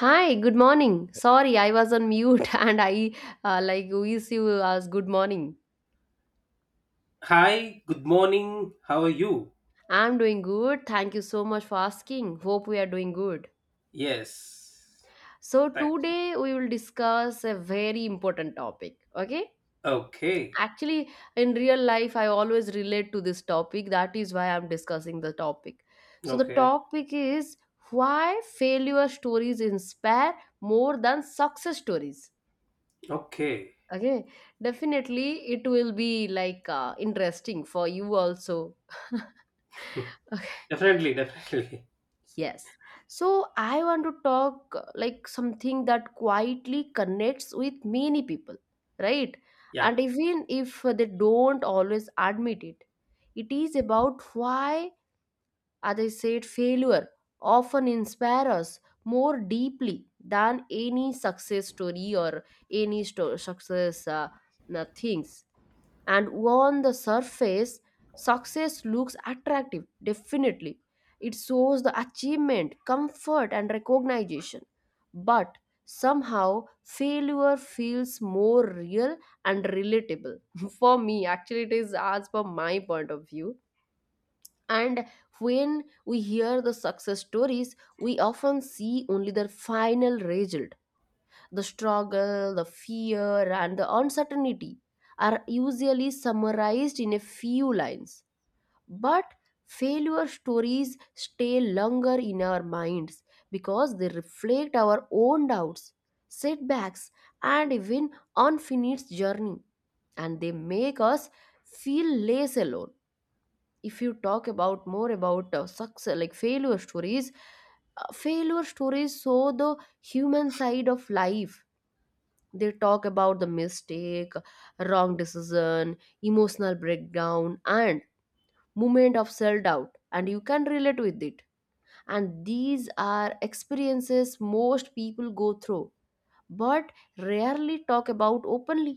Hi, good morning. Sorry, I was on mute and I like wish you as good morning. Hi, good morning. How are you? I'm doing good. Thank you so much for asking. Hope we are doing good. Yes. So Thanks. today we will discuss a very important topic. Okay? Okay. Actually, in real life, I always relate to this topic. That is why I'm discussing the topic. So the Okay. topic is why failure stories inspire more than success stories. Okay. Okay, definitely it will be like interesting for you also. Okay. Definitely, definitely. Yes. So I want to talk like something that quietly connects with many people, right? Yeah. And even if they don't always admit it, it is about why, as I said, failure often inspires us more deeply than any success story or any success things. And on the surface, success looks attractive, definitely. It shows the achievement, comfort, and recognition. But somehow failure feels more real and relatable, for me actually. It is as per my point of view. And when we hear the success stories, we often see only the final result. The struggle, the fear, and the uncertainty are usually summarized in a few lines. But failure stories stay longer in our minds because they reflect our own doubts, setbacks, and even unfinished journey. And they make us feel less alone. If you talk about more about success, like failure stories show the human side of life. They talk about the mistake, wrong decision, emotional breakdown, and moment of self-doubt, and you can relate with it. And these are experiences most people go through but rarely talk about openly.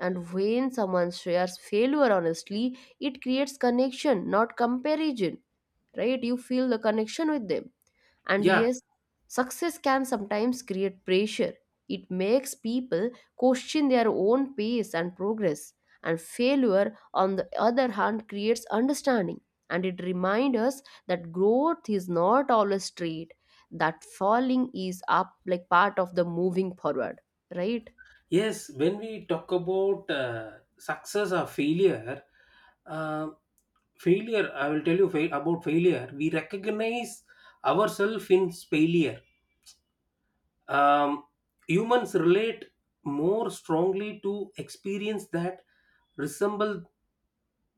And when someone shares failure honestly, it creates connection, not comparison, right? You feel the connection with them. And Yeah. yes, success can sometimes create pressure. It makes people question their own pace and progress. And failure, on the other hand, creates understanding. And it reminds us that growth is not always straight, that falling is up like part of the moving forward, right? Yes, when we talk about success or failure, uh, failure, I will tell you about failure. We recognize ourselves in failure. Um, Humans relate more strongly to experience that resemble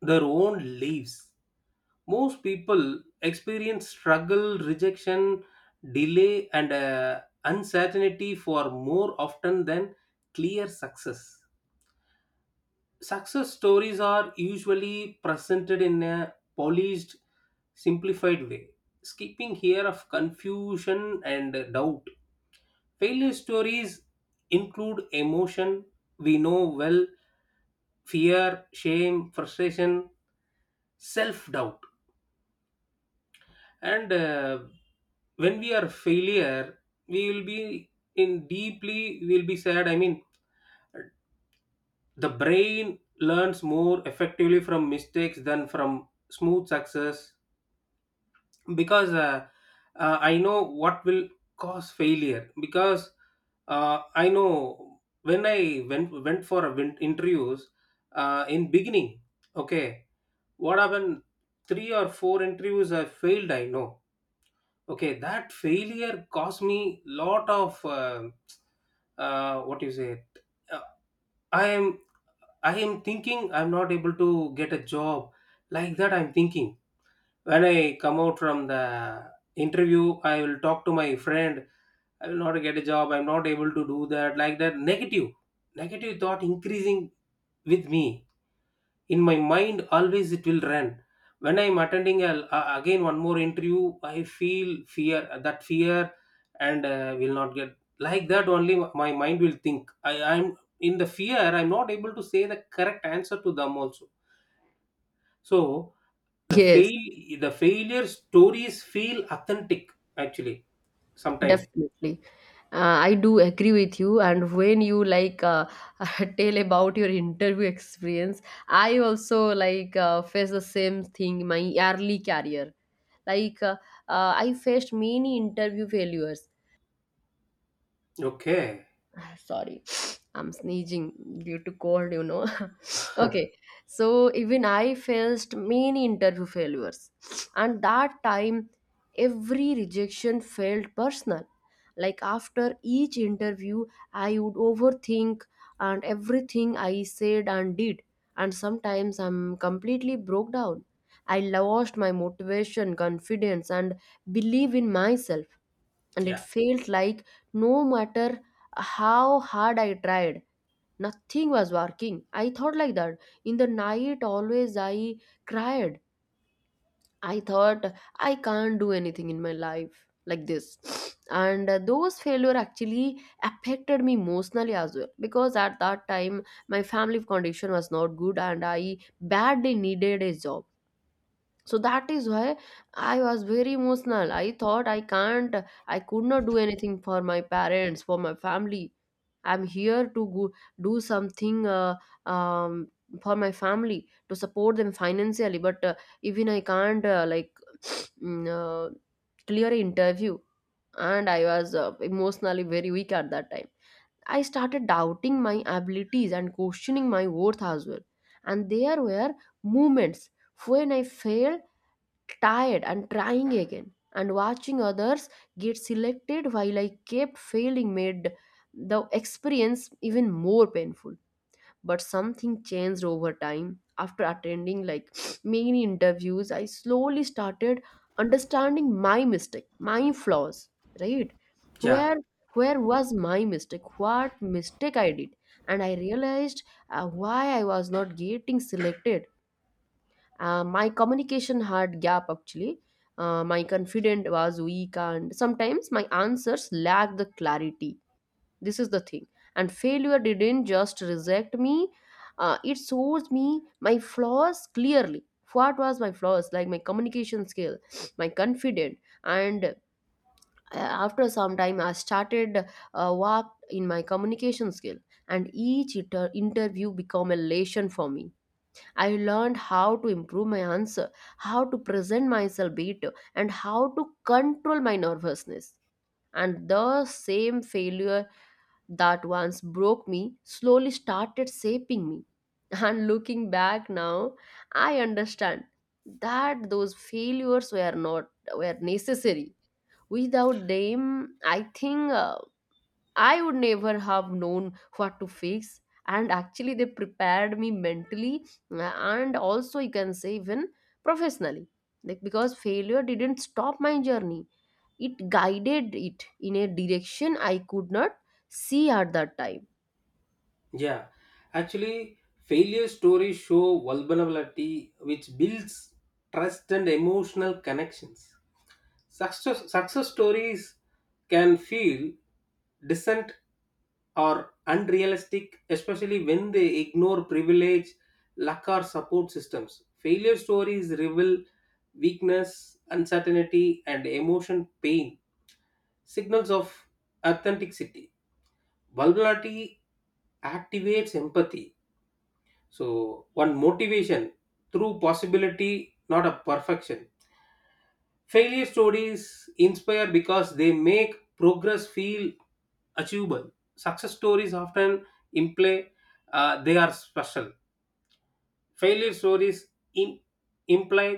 their own lives. Most people experience struggle, rejection, delay and uncertainty for more often than clear success. Success stories are usually presented in a polished, simplified way, skipping here of confusion and doubt. Failure stories include emotion we know well: fear, shame, frustration, self doubt. And When we are failure, we will be in deeply, we will be sad. I mean, the brain learns more effectively from mistakes than from smooth success, because I know what will cause failure. Because I know when I went for a interviews in beginning. Okay, what happened? Three or four interviews I failed, I know. Okay, that failure cost me lot of what you say, uh, I am, I am thinking I'm not able to get a job, like that I'm thinking. When I come out from the interview, I will talk to my friend, I will not get a job, I'm not able to do that, like that negative thought increasing with me, in my mind always it will run. When I'm attending again one more interview, I feel fear, that fear, and will not get, like that only my mind will think I'm in the fear, I'm not able to say the correct answer to them also. So the Yes. fail the failure stories feel authentic actually, sometime. Definitely. I do agree with you. And when you like tell about your interview experience, I also like face the same thing in my early career. Like, I faced many interview failures. Okay. Ah, sorry, I'm sneezing due to cold. Okay, so even I faced many interview failures. And that time, every rejection felt personal. Like, after each interview I would overthink, and everything I said and did. And sometimes I'm completely broke down. I lost my motivation, confidence, and belief in myself. And it Yeah. felt like no matter how hard I tried, nothing was working. I thought like that. In the night, always I cried. I thought, I can't do anything in my life, like this. And those failure actually affected me emotionally as well, because at that time my family condition was not good and I badly needed a job. So that is why I was very emotional. I thought I could not do anything for my parents, for my family. I'm here to go, do something, um, for my family to support them financially, but even I can't, like, mm, uh, clear interview. And I was emotionally very weak at that time. I started doubting my abilities and questioning my worth as well. And there were moments when I failed, tired and trying again, and watching others get selected while I kept failing made the experience even more painful. But something changed over time. After attending, like, many interviews, I slowly started understanding my mistake, my flaws, right? Yeah. Where where was my mistake? What mistake I did? And I realized why I was not getting selected. My communication had gap actually. My confidence was weak, and sometimes my answers lacked the clarity. This is the thing. And failure didn't just reject me, it shows me my flaws clearly. What was my flaws? Like my communication skill, my confidence, and after some time, I started work in my communication skill. And each interview become a lesson for me. I learned how to improve my answer, how to present myself better, and how to control my nervousness. And the same failure that once broke me slowly started shaping me. And looking back now, I understand that those failures were necessary. Without them, I think I would never have known what to fix. And actually, they prepared me mentally, and also, you can say, even professionally. Like, because failure didn't stop my journey, it guided it in a direction I could not see at that time. Yeah, actually, failure stories show vulnerability, which builds trust and emotional connections. Success stories can feel distant or unrealistic, especially when they ignore privilege, luck, or support systems. Failure stories reveal weakness, uncertainty, and emotion pain, signals of authenticity. Vulnerability activates empathy, so one motivation through possibility, not a perfection. Failure stories inspire because they make progress feel achievable. Success stories often imply they are special. Failure stories im- imply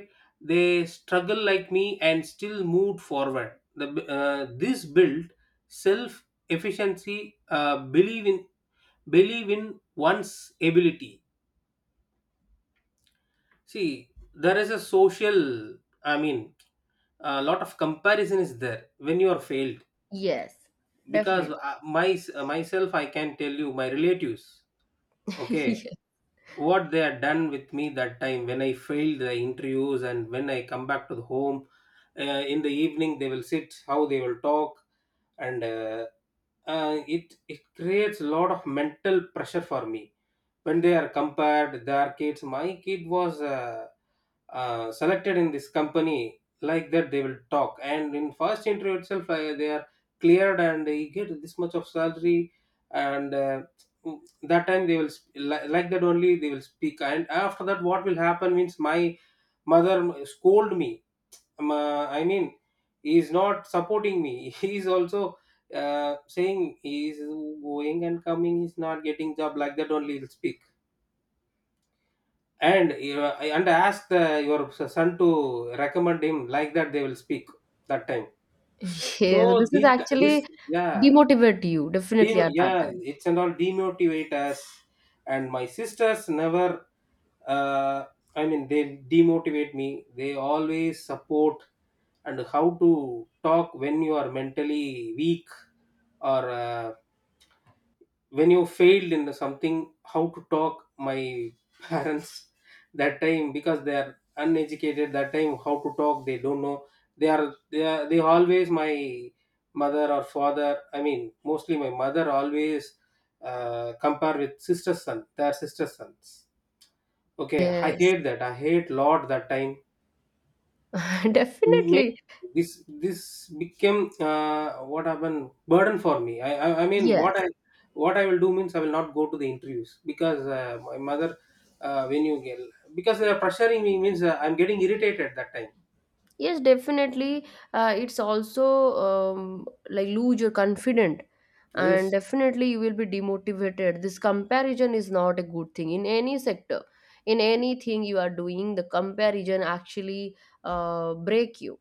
they struggle like me and still moved forward. This build self efficiency, believe in, believe in one's ability. See, there is a social, I mean, a lot of comparison is there when you are failed. Yes, Because definitely. My, myself, I can tell you, my relatives, okay, Yes. what they had done with me that time when I failed the interviews and when I come back to the home, in the evening they will sit, how they will talk, and it creates a lot of mental pressure for me when they are compared their kids, my kid was selected in this company, like that they will talk, and in first interview itself they are cleared and you get this much of salary. And that time they will like that only they will speak, and after that what will happen means my mother scold me. I mean, he is not supporting me, he is also saying he is going and coming, he's not getting job, like that only he'll speak, and you, and ask the, your son to recommend him, like that they will speak that time. Yes, So this is the, actually this. Yeah. demotivate you, definitely, at that Yeah, time. it's and all demotivate us. And my sisters never. Uh, I mean, they demotivate me. They always support, and how to talk when you are mentally weak or. When you failed in something, how to talk my parents that time, because they are uneducated that time, how to talk they don't know. They are they always my mother or father, I mean mostly my mother always compare with sister's son, their sister's sons. Okay, I Yes, hate that, I hate lot that time. May definitely. this, this became what happened burden for me. I mean what Yes. I, what I will do means I will not go to the interviews because my mother, when you get, because they are pressuring me means I'm getting irritated that time. Yes, definitely. It's also like lose your confidence, and Yes. definitely you will be demotivated. This comparison is not a good thing in any sector, in anything you are doing. The comparison actually break you.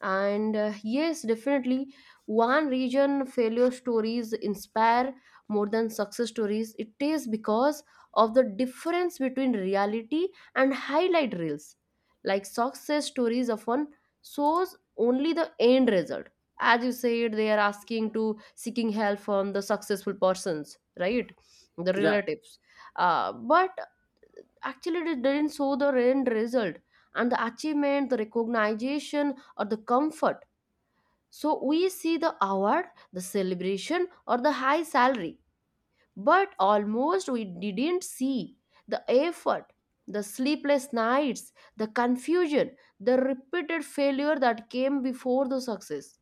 And yes, definitely, one region failure stories inspire more than success stories. It is because of the difference between reality and highlight reels. Like, success stories often shows only the end result, as you said. They are asking to seeking help from the successful persons, right? The Yeah. relatives. But actually, it didn't show the end result and the achievement, the recognition, or the comfort. So we see the award, the celebration, or the high salary, but almost we didn't see the effort, the sleepless nights, the confusion, the repeated failure that came before the success.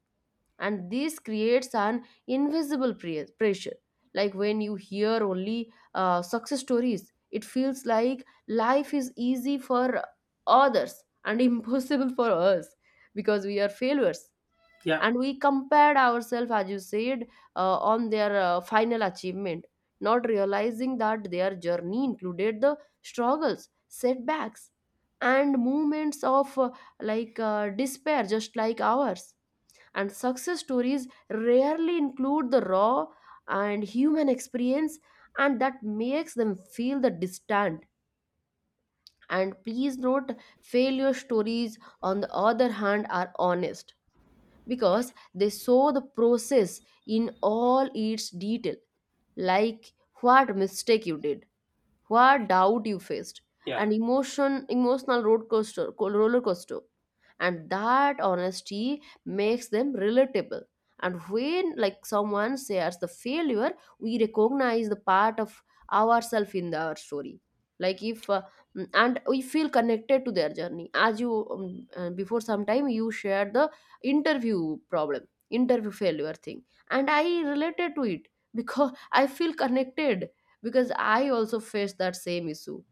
And this creates an invisible pressure. Like, when you hear only success stories, it feels like life is easy for others, and impossible for us, because we are failures. Yeah. And we compared ourselves, as you said, on their final achievement, not realizing that their journey included the struggles, setbacks, and moments of like despair, just like ours. And success stories rarely include the raw and human experience, and that makes them feel the distant. And please note, failure stories, on the other hand, are honest, because they saw the process in all its detail. Like, what mistake you did, what doubt you faced, Yeah. an emotion, emotional road coaster, roller coaster, and that honesty makes them relatable. And when, like, someone shares the failure, we recognize the part of ourselves in our story. Like if and we feel connected to their journey. As you before some time, you shared the interview problem, interview failure thing, and I related to it because I feel connected, because I also faced that same issue,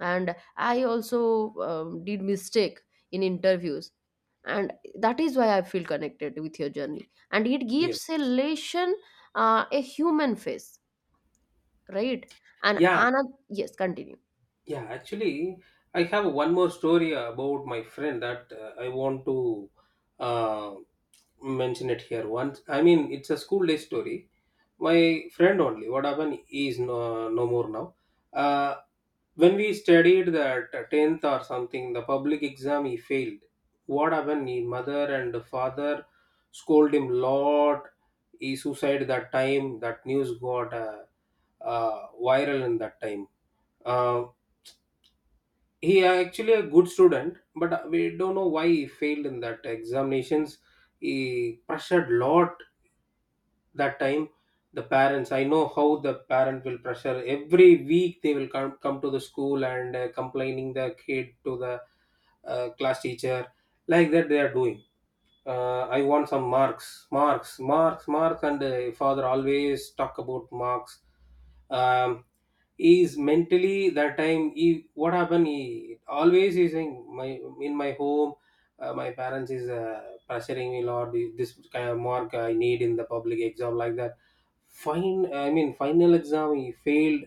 and I also did mistake in interviews, and that is why I feel connected with your journey, and it gives a Yes. relation, a human face, right? And Yeah. another. Yes, continue. Yeah, actually, I have one more story about my friend that I want to. Uh, Mention it here once. I mean, it's a school day story. My friend only. What happened? He is no, no more now. Uh, when we studied that tenth or something, the public exam he failed. What happened? His mother and father scold him lot. He suicide that time. That news got viral in that time. Uh, he actually a good student, but we don't know why he failed in that examinations. He pressured lot that time, the parents. I know how the parent will pressure. Every week they will come to the school and complaining the kid to the class teacher, like that they are doing. I want some marks, and father always talk about marks. Um, is mentally that time he what happened, he always is saying my, in my home my parents is pressuring me lord, this kind of mark I need in the public exam, like that. Fine, I mean final exam he failed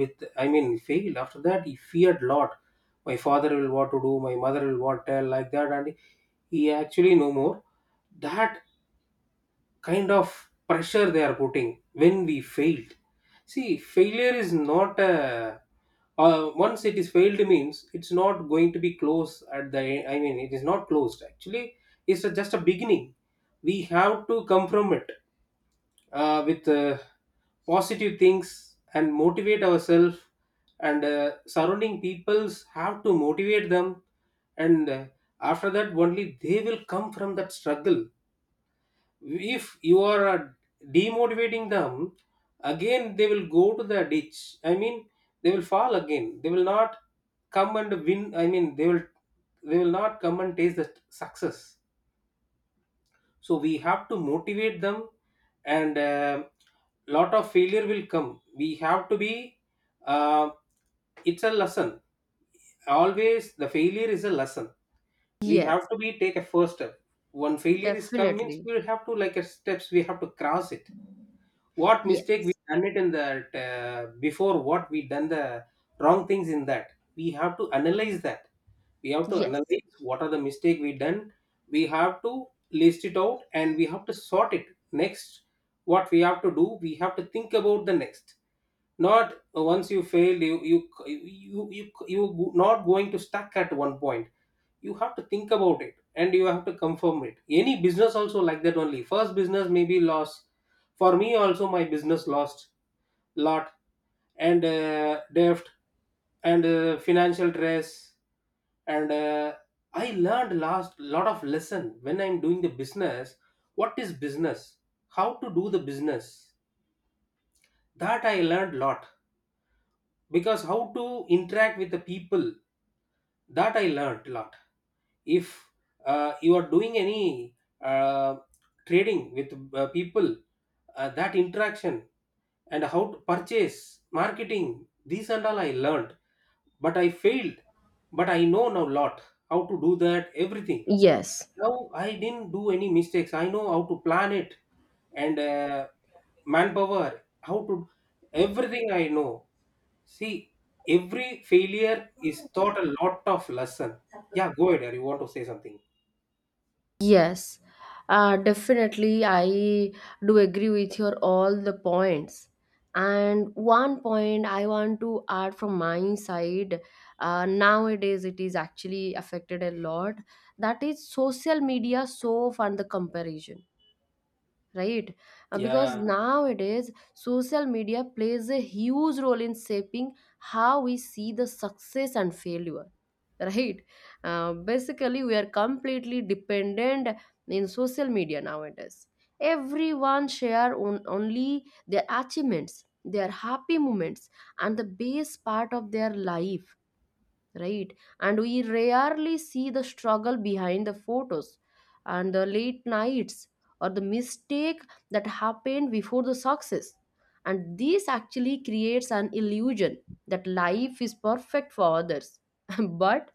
with, I mean failed. After that he feared lot, my father will what to do, my mother will what tell, like that, and he actually no more. That kind of pressure they are putting when we failed. See, failure is not a, once it is failed means it's not going to be closed at the end. I mean, it is not closed actually. It's a, just a beginning. We have to come from it with positive things and motivate ourselves, and surrounding peoples have to motivate them, and after that only they will come from that struggle. If you are demotivating them, again they will go to the ditch. I mean, they will fall again, they will not come and win. I mean, they will not come and taste the success. So we have to motivate them, and lot of failure will come, we have to be uh, it's a lesson. Always the failure is a lesson. We Yes, have to be take a first step. One failure is come means definitely. we have to, like a steps we have to cross it. What mistake we Yes. done it in that, before what we done the wrong things in that, we have to analyze that. We have to Yes. analyze what are the mistake we done. We have to list it out and we have to sort it next. What we have to do, we have to think about the next. Not once you failed, you not going to stuck at one point. You have to think about it and you have to confirm it. Any business also like that only, first business maybe be loss. For me also, my business lost lot, and debt and financial stress, and I learned last lot of lesson when I'm doing the business. What is business, how to do the business, that I learned lot. Because how to interact with the people, that I learned a lot. If you are doing any uh, trading with people, that interaction, and how to purchase marketing these and all I learned. But I failed, but I know now lot how to do that everything. Yes. Now I didn't do any mistakes, I know how to plan it, and manpower, how to, everything I know. See, every failure is taught a lot of lesson. Yeah, go ahead. You want to say something? Yes, definitely. I do agree with your all the points. And one point I want to add from my side. Nowadays it is actually affected a lot. That is social media, so and the comparison, right? Because Yeah, nowadays social media plays a huge role in shaping how we see the success and failure, right? Basically we are completely dependent in social media nowadays. Everyone share on, only their achievements, their happy moments, and the best part of their life, right? And we rarely see the struggle behind the photos and the late nights, or the mistake that happened before the success. And this actually creates an illusion that life is perfect for others, but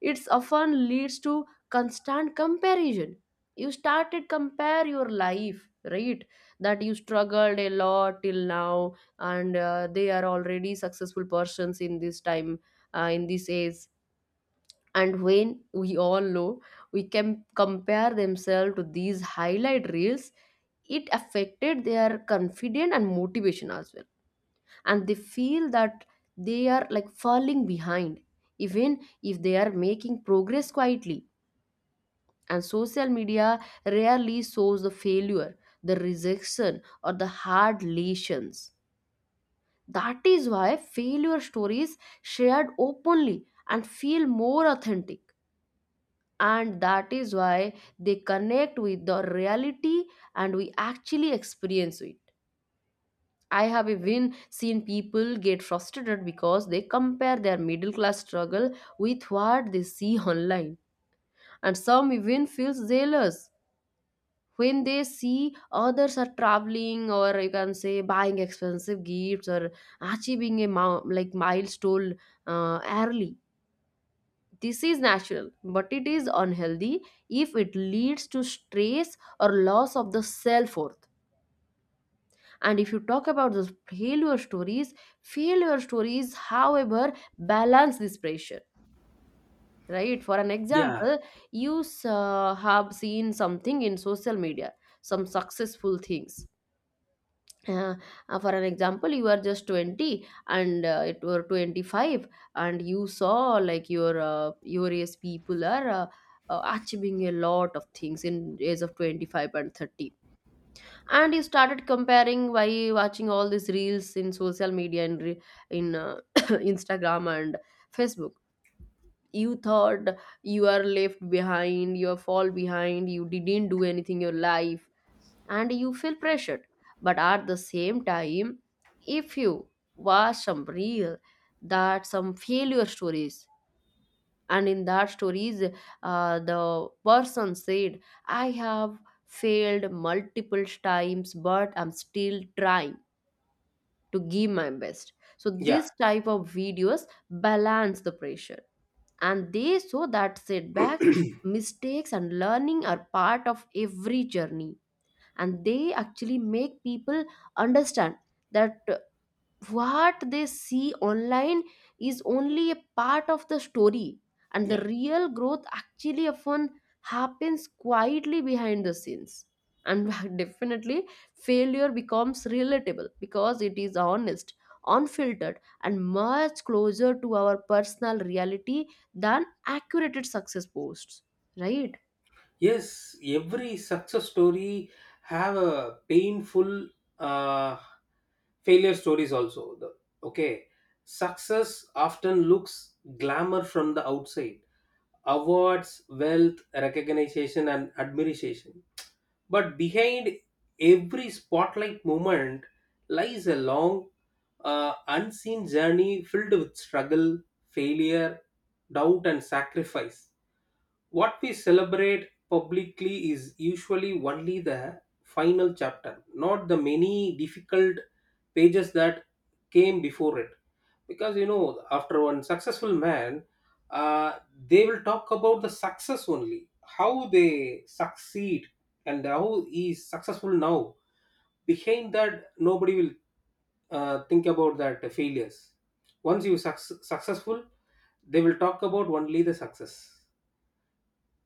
it's often leads to constant comparison. You started compare your life, right? That you struggled a lot till now, and they are already successful persons in this time, in this age. And when we all know, we can compare themselves to these highlight reels. It affected their confidence and motivation as well, and they feel that they are like falling behind even if they are making progress quietly. And social media rarely shows the failure, the rejection, or the hard lessons. That is why failure stories shared openly and feel more authentic. And that is why they connect with the reality, and we actually experience it. I have even seen people get frustrated because they compare their middle class struggle with what they see online. And some even feel jealous when they see others are traveling or you can say buying expensive gifts or achieving a like milestone early. This is natural, but it is unhealthy if it leads to stress or loss of the self worth. And if you talk about the failure stories, however, balance this pressure, right? For an yeah, example, you have seen something in social media, some successful things, uh, for an example you are just 20 and it were 25, and you saw like your age people are achieving a lot of things in age of 25 and 30. And you started comparing by watching all these reels in social media and in Instagram and Facebook. You thought you are left behind, you fall behind, you didn't do anything in your life, and you feel pressured. But at the same time, if you watch some real that some failure stories, and in that stories, the person said, "I have failed multiple times, but I'm still trying to give my best." So yeah, this type of videos balance the pressure, and they show that setbacks, mistakes, and learning are part of every journey, and they actually make people understand that what they see online is only a part of the story, and the yeah. real growth actually often happens quietly behind the scenes. And definitely failure becomes relatable because it is honest, unfiltered, and much closer to our personal reality than accurate success posts, right? Yes, every success story have a painful uh, failure stories also. Okay, success often looks glamour from the outside: awards, wealth, recognition, and admiration. But behind every spotlight moment lies a long, unseen journey filled with struggle, failure, doubt, and sacrifice. What we celebrate publicly is usually only the final chapter, not the many difficult pages that came before it. Because you know, after one successful man, uh, they will talk about the success only, how they succeed and how he is successful now. Behind that, nobody will think about that failures. Once you successful, they will talk about only the success.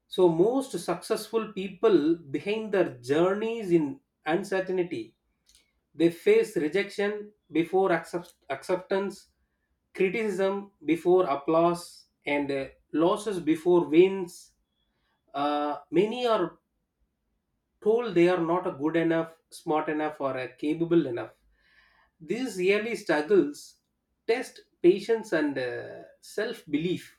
So most successful people behind their journeys in uncertainty, they face rejection before acceptance, criticism before applause, and losses before wins. Many are told they are not good enough, smart enough, or capable enough. These yearly struggles test patience and self belief.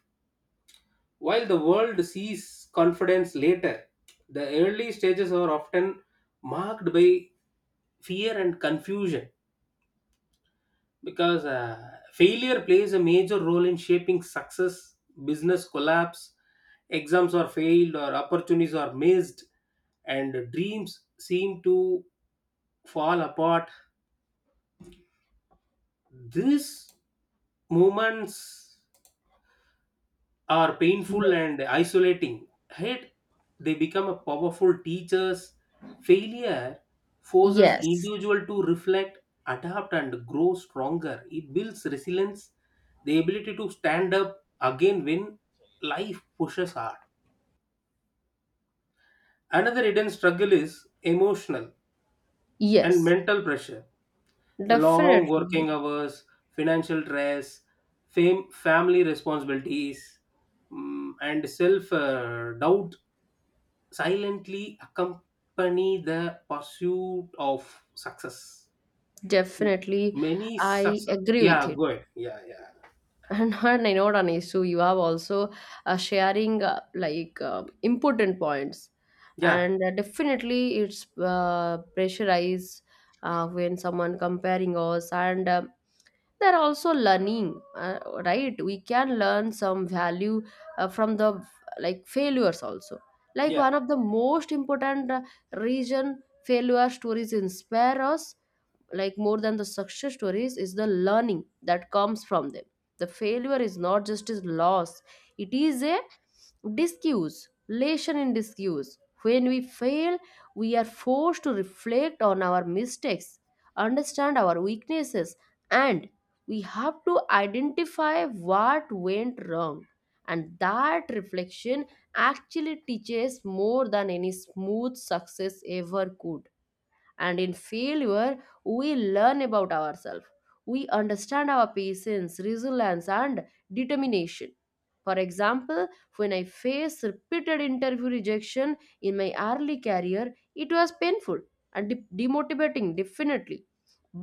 While the world sees confidence later, the early stages are often marked by fear and confusion, because failure plays a major role in shaping success. Business collapse, exams are failed, or opportunities are missed, and dreams seem to fall apart. These moments are painful and isolating. Yet they become a powerful teachers. Failure forces Yes, individual to reflect, adapt, and grow stronger. It builds resilience, the ability to stand up again when life pushes hard. Another hidden struggle is emotional and yes, mental pressure. The long definitely. working hours, financial stress, family responsibilities, and self doubt silently accompany the pursuit of success. M- Definitely, Many I success. agree with Yeah, it. go ahead. Yeah, yeah, And I know, Ranesu, you have also sharing like important points, yeah, and definitely it's pressurize when someone comparing us, and they're also learning, right? We can learn some value from the like failures also. Like yeah, one of the most important reason failure stories inspire us like more than the success stories is the learning that comes from them. The failure is not just a loss, it is a discuss lesson in discuss. When we fail, we are forced to reflect on our mistakes, understand our weaknesses, and we have to identify what went wrong, and that reflection actually teaches more than any smooth success ever could. And in failure, we learn about ourselves, we understand our patience, resilience, and determination. For example, when I faced repeated interview rejection in my early career, it was painful and demotivating, definitely.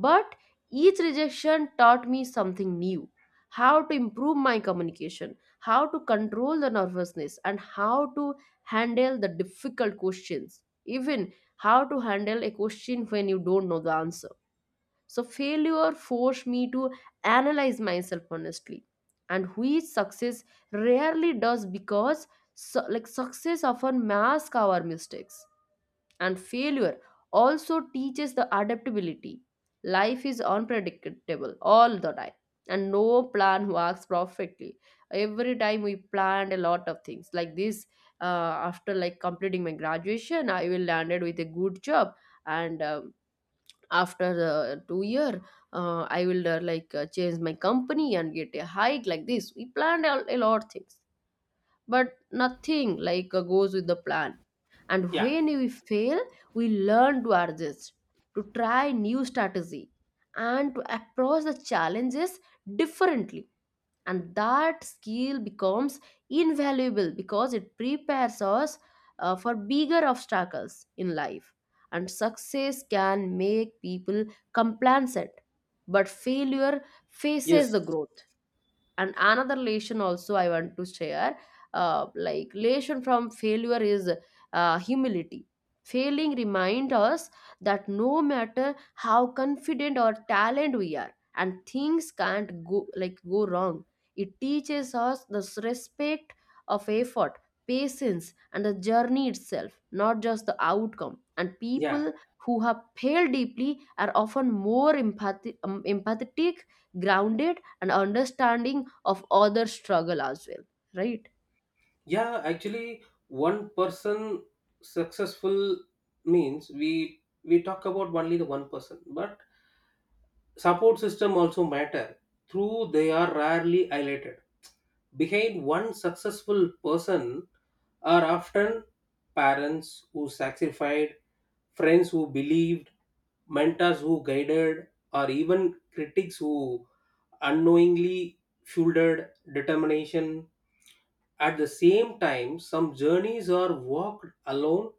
But each rejection taught me something new: how to improve my communication, how to control the nervousness, and how to handle the difficult questions, even how to handle a question when you don't know the answer. So, failure forced me to analyze myself honestly, and which success rarely does, because like success often masks our mistakes, and failure also teaches the adaptability. Life is unpredictable all the time, and no plan works perfectly. Every time we planned a lot of things like this. After like completing my graduation, I will landed with a good job, and after 2 year, I will like change my company and get a hike like this. We planned a lot things, but nothing like goes with the plan. And yeah. when we fail, we learn to adjust, to try new strategy, and to approach the challenges differently. And that skill becomes invaluable because it prepares us for bigger obstacles in life. And success can make people complacent, but failure Yes, faces the growth. And another lesson also I want to share, like lesson from failure is humility. Failing remind us that no matter how confident or talent we are, and things can't go like go wrong. It teaches us the respect of effort, patience, and the journey itself, not just the outcome, and people yeah, who have failed deeply are often more empathetic, grounded, and understanding of other struggle as well, right? yeah. Actually, one person successful means we talk about only the one person, but support system also matter. Through they are rarely highlighted. Behind one successful person are often parents who sacrificed, friends who believed, mentors who guided, or even critics who unknowingly shouldered determination. At the same time, some journeys are walked alone,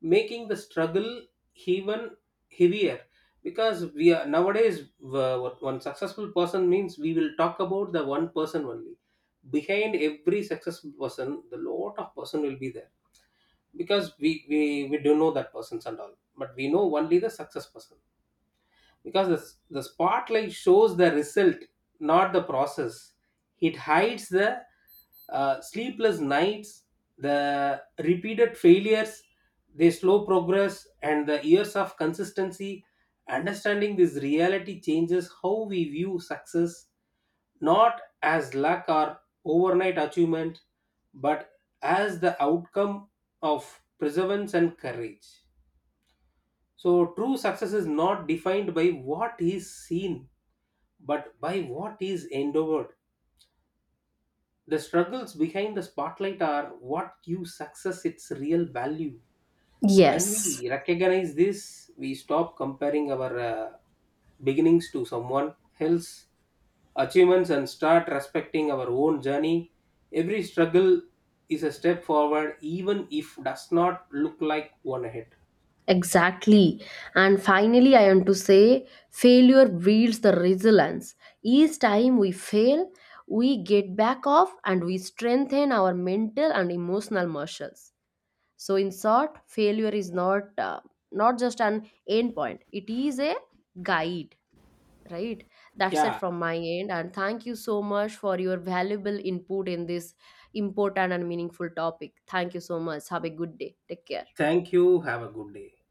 making the struggle even heavier. Because we are nowadays, what one successful person means, we will talk about the one person only. Behind every successful person, the lot of person will be there, because we do know that persons and all, but we know only the success person, because the spotlight shows the result, not the process. It hides the sleepless nights, the repeated failures, the slow progress, and the years of consistency. Understanding this reality changes how we view success, not as luck or overnight achievement, but as the outcome of perseverance and courage. So true success is not defined by what is seen, but by what is endeavored. The struggles behind the spotlight are what gives success its real value. When Yes, we recognize this, we stop comparing our beginnings to someone else's achievements and start respecting our own journey. Every struggle is a step forward, even if does not look like one ahead. exactly. And finally, I want to say failure builds the resilience. Each time we fail, we get back off and we strengthen our mental and emotional muscles. So, in short, failure is not just an end point; it is a guide. Right? That's it Yeah. from my end. And thank you so much for your valuable input in this important and meaningful topic. Thank you so much. Have a good day. Take care. Thank you. Have a good day.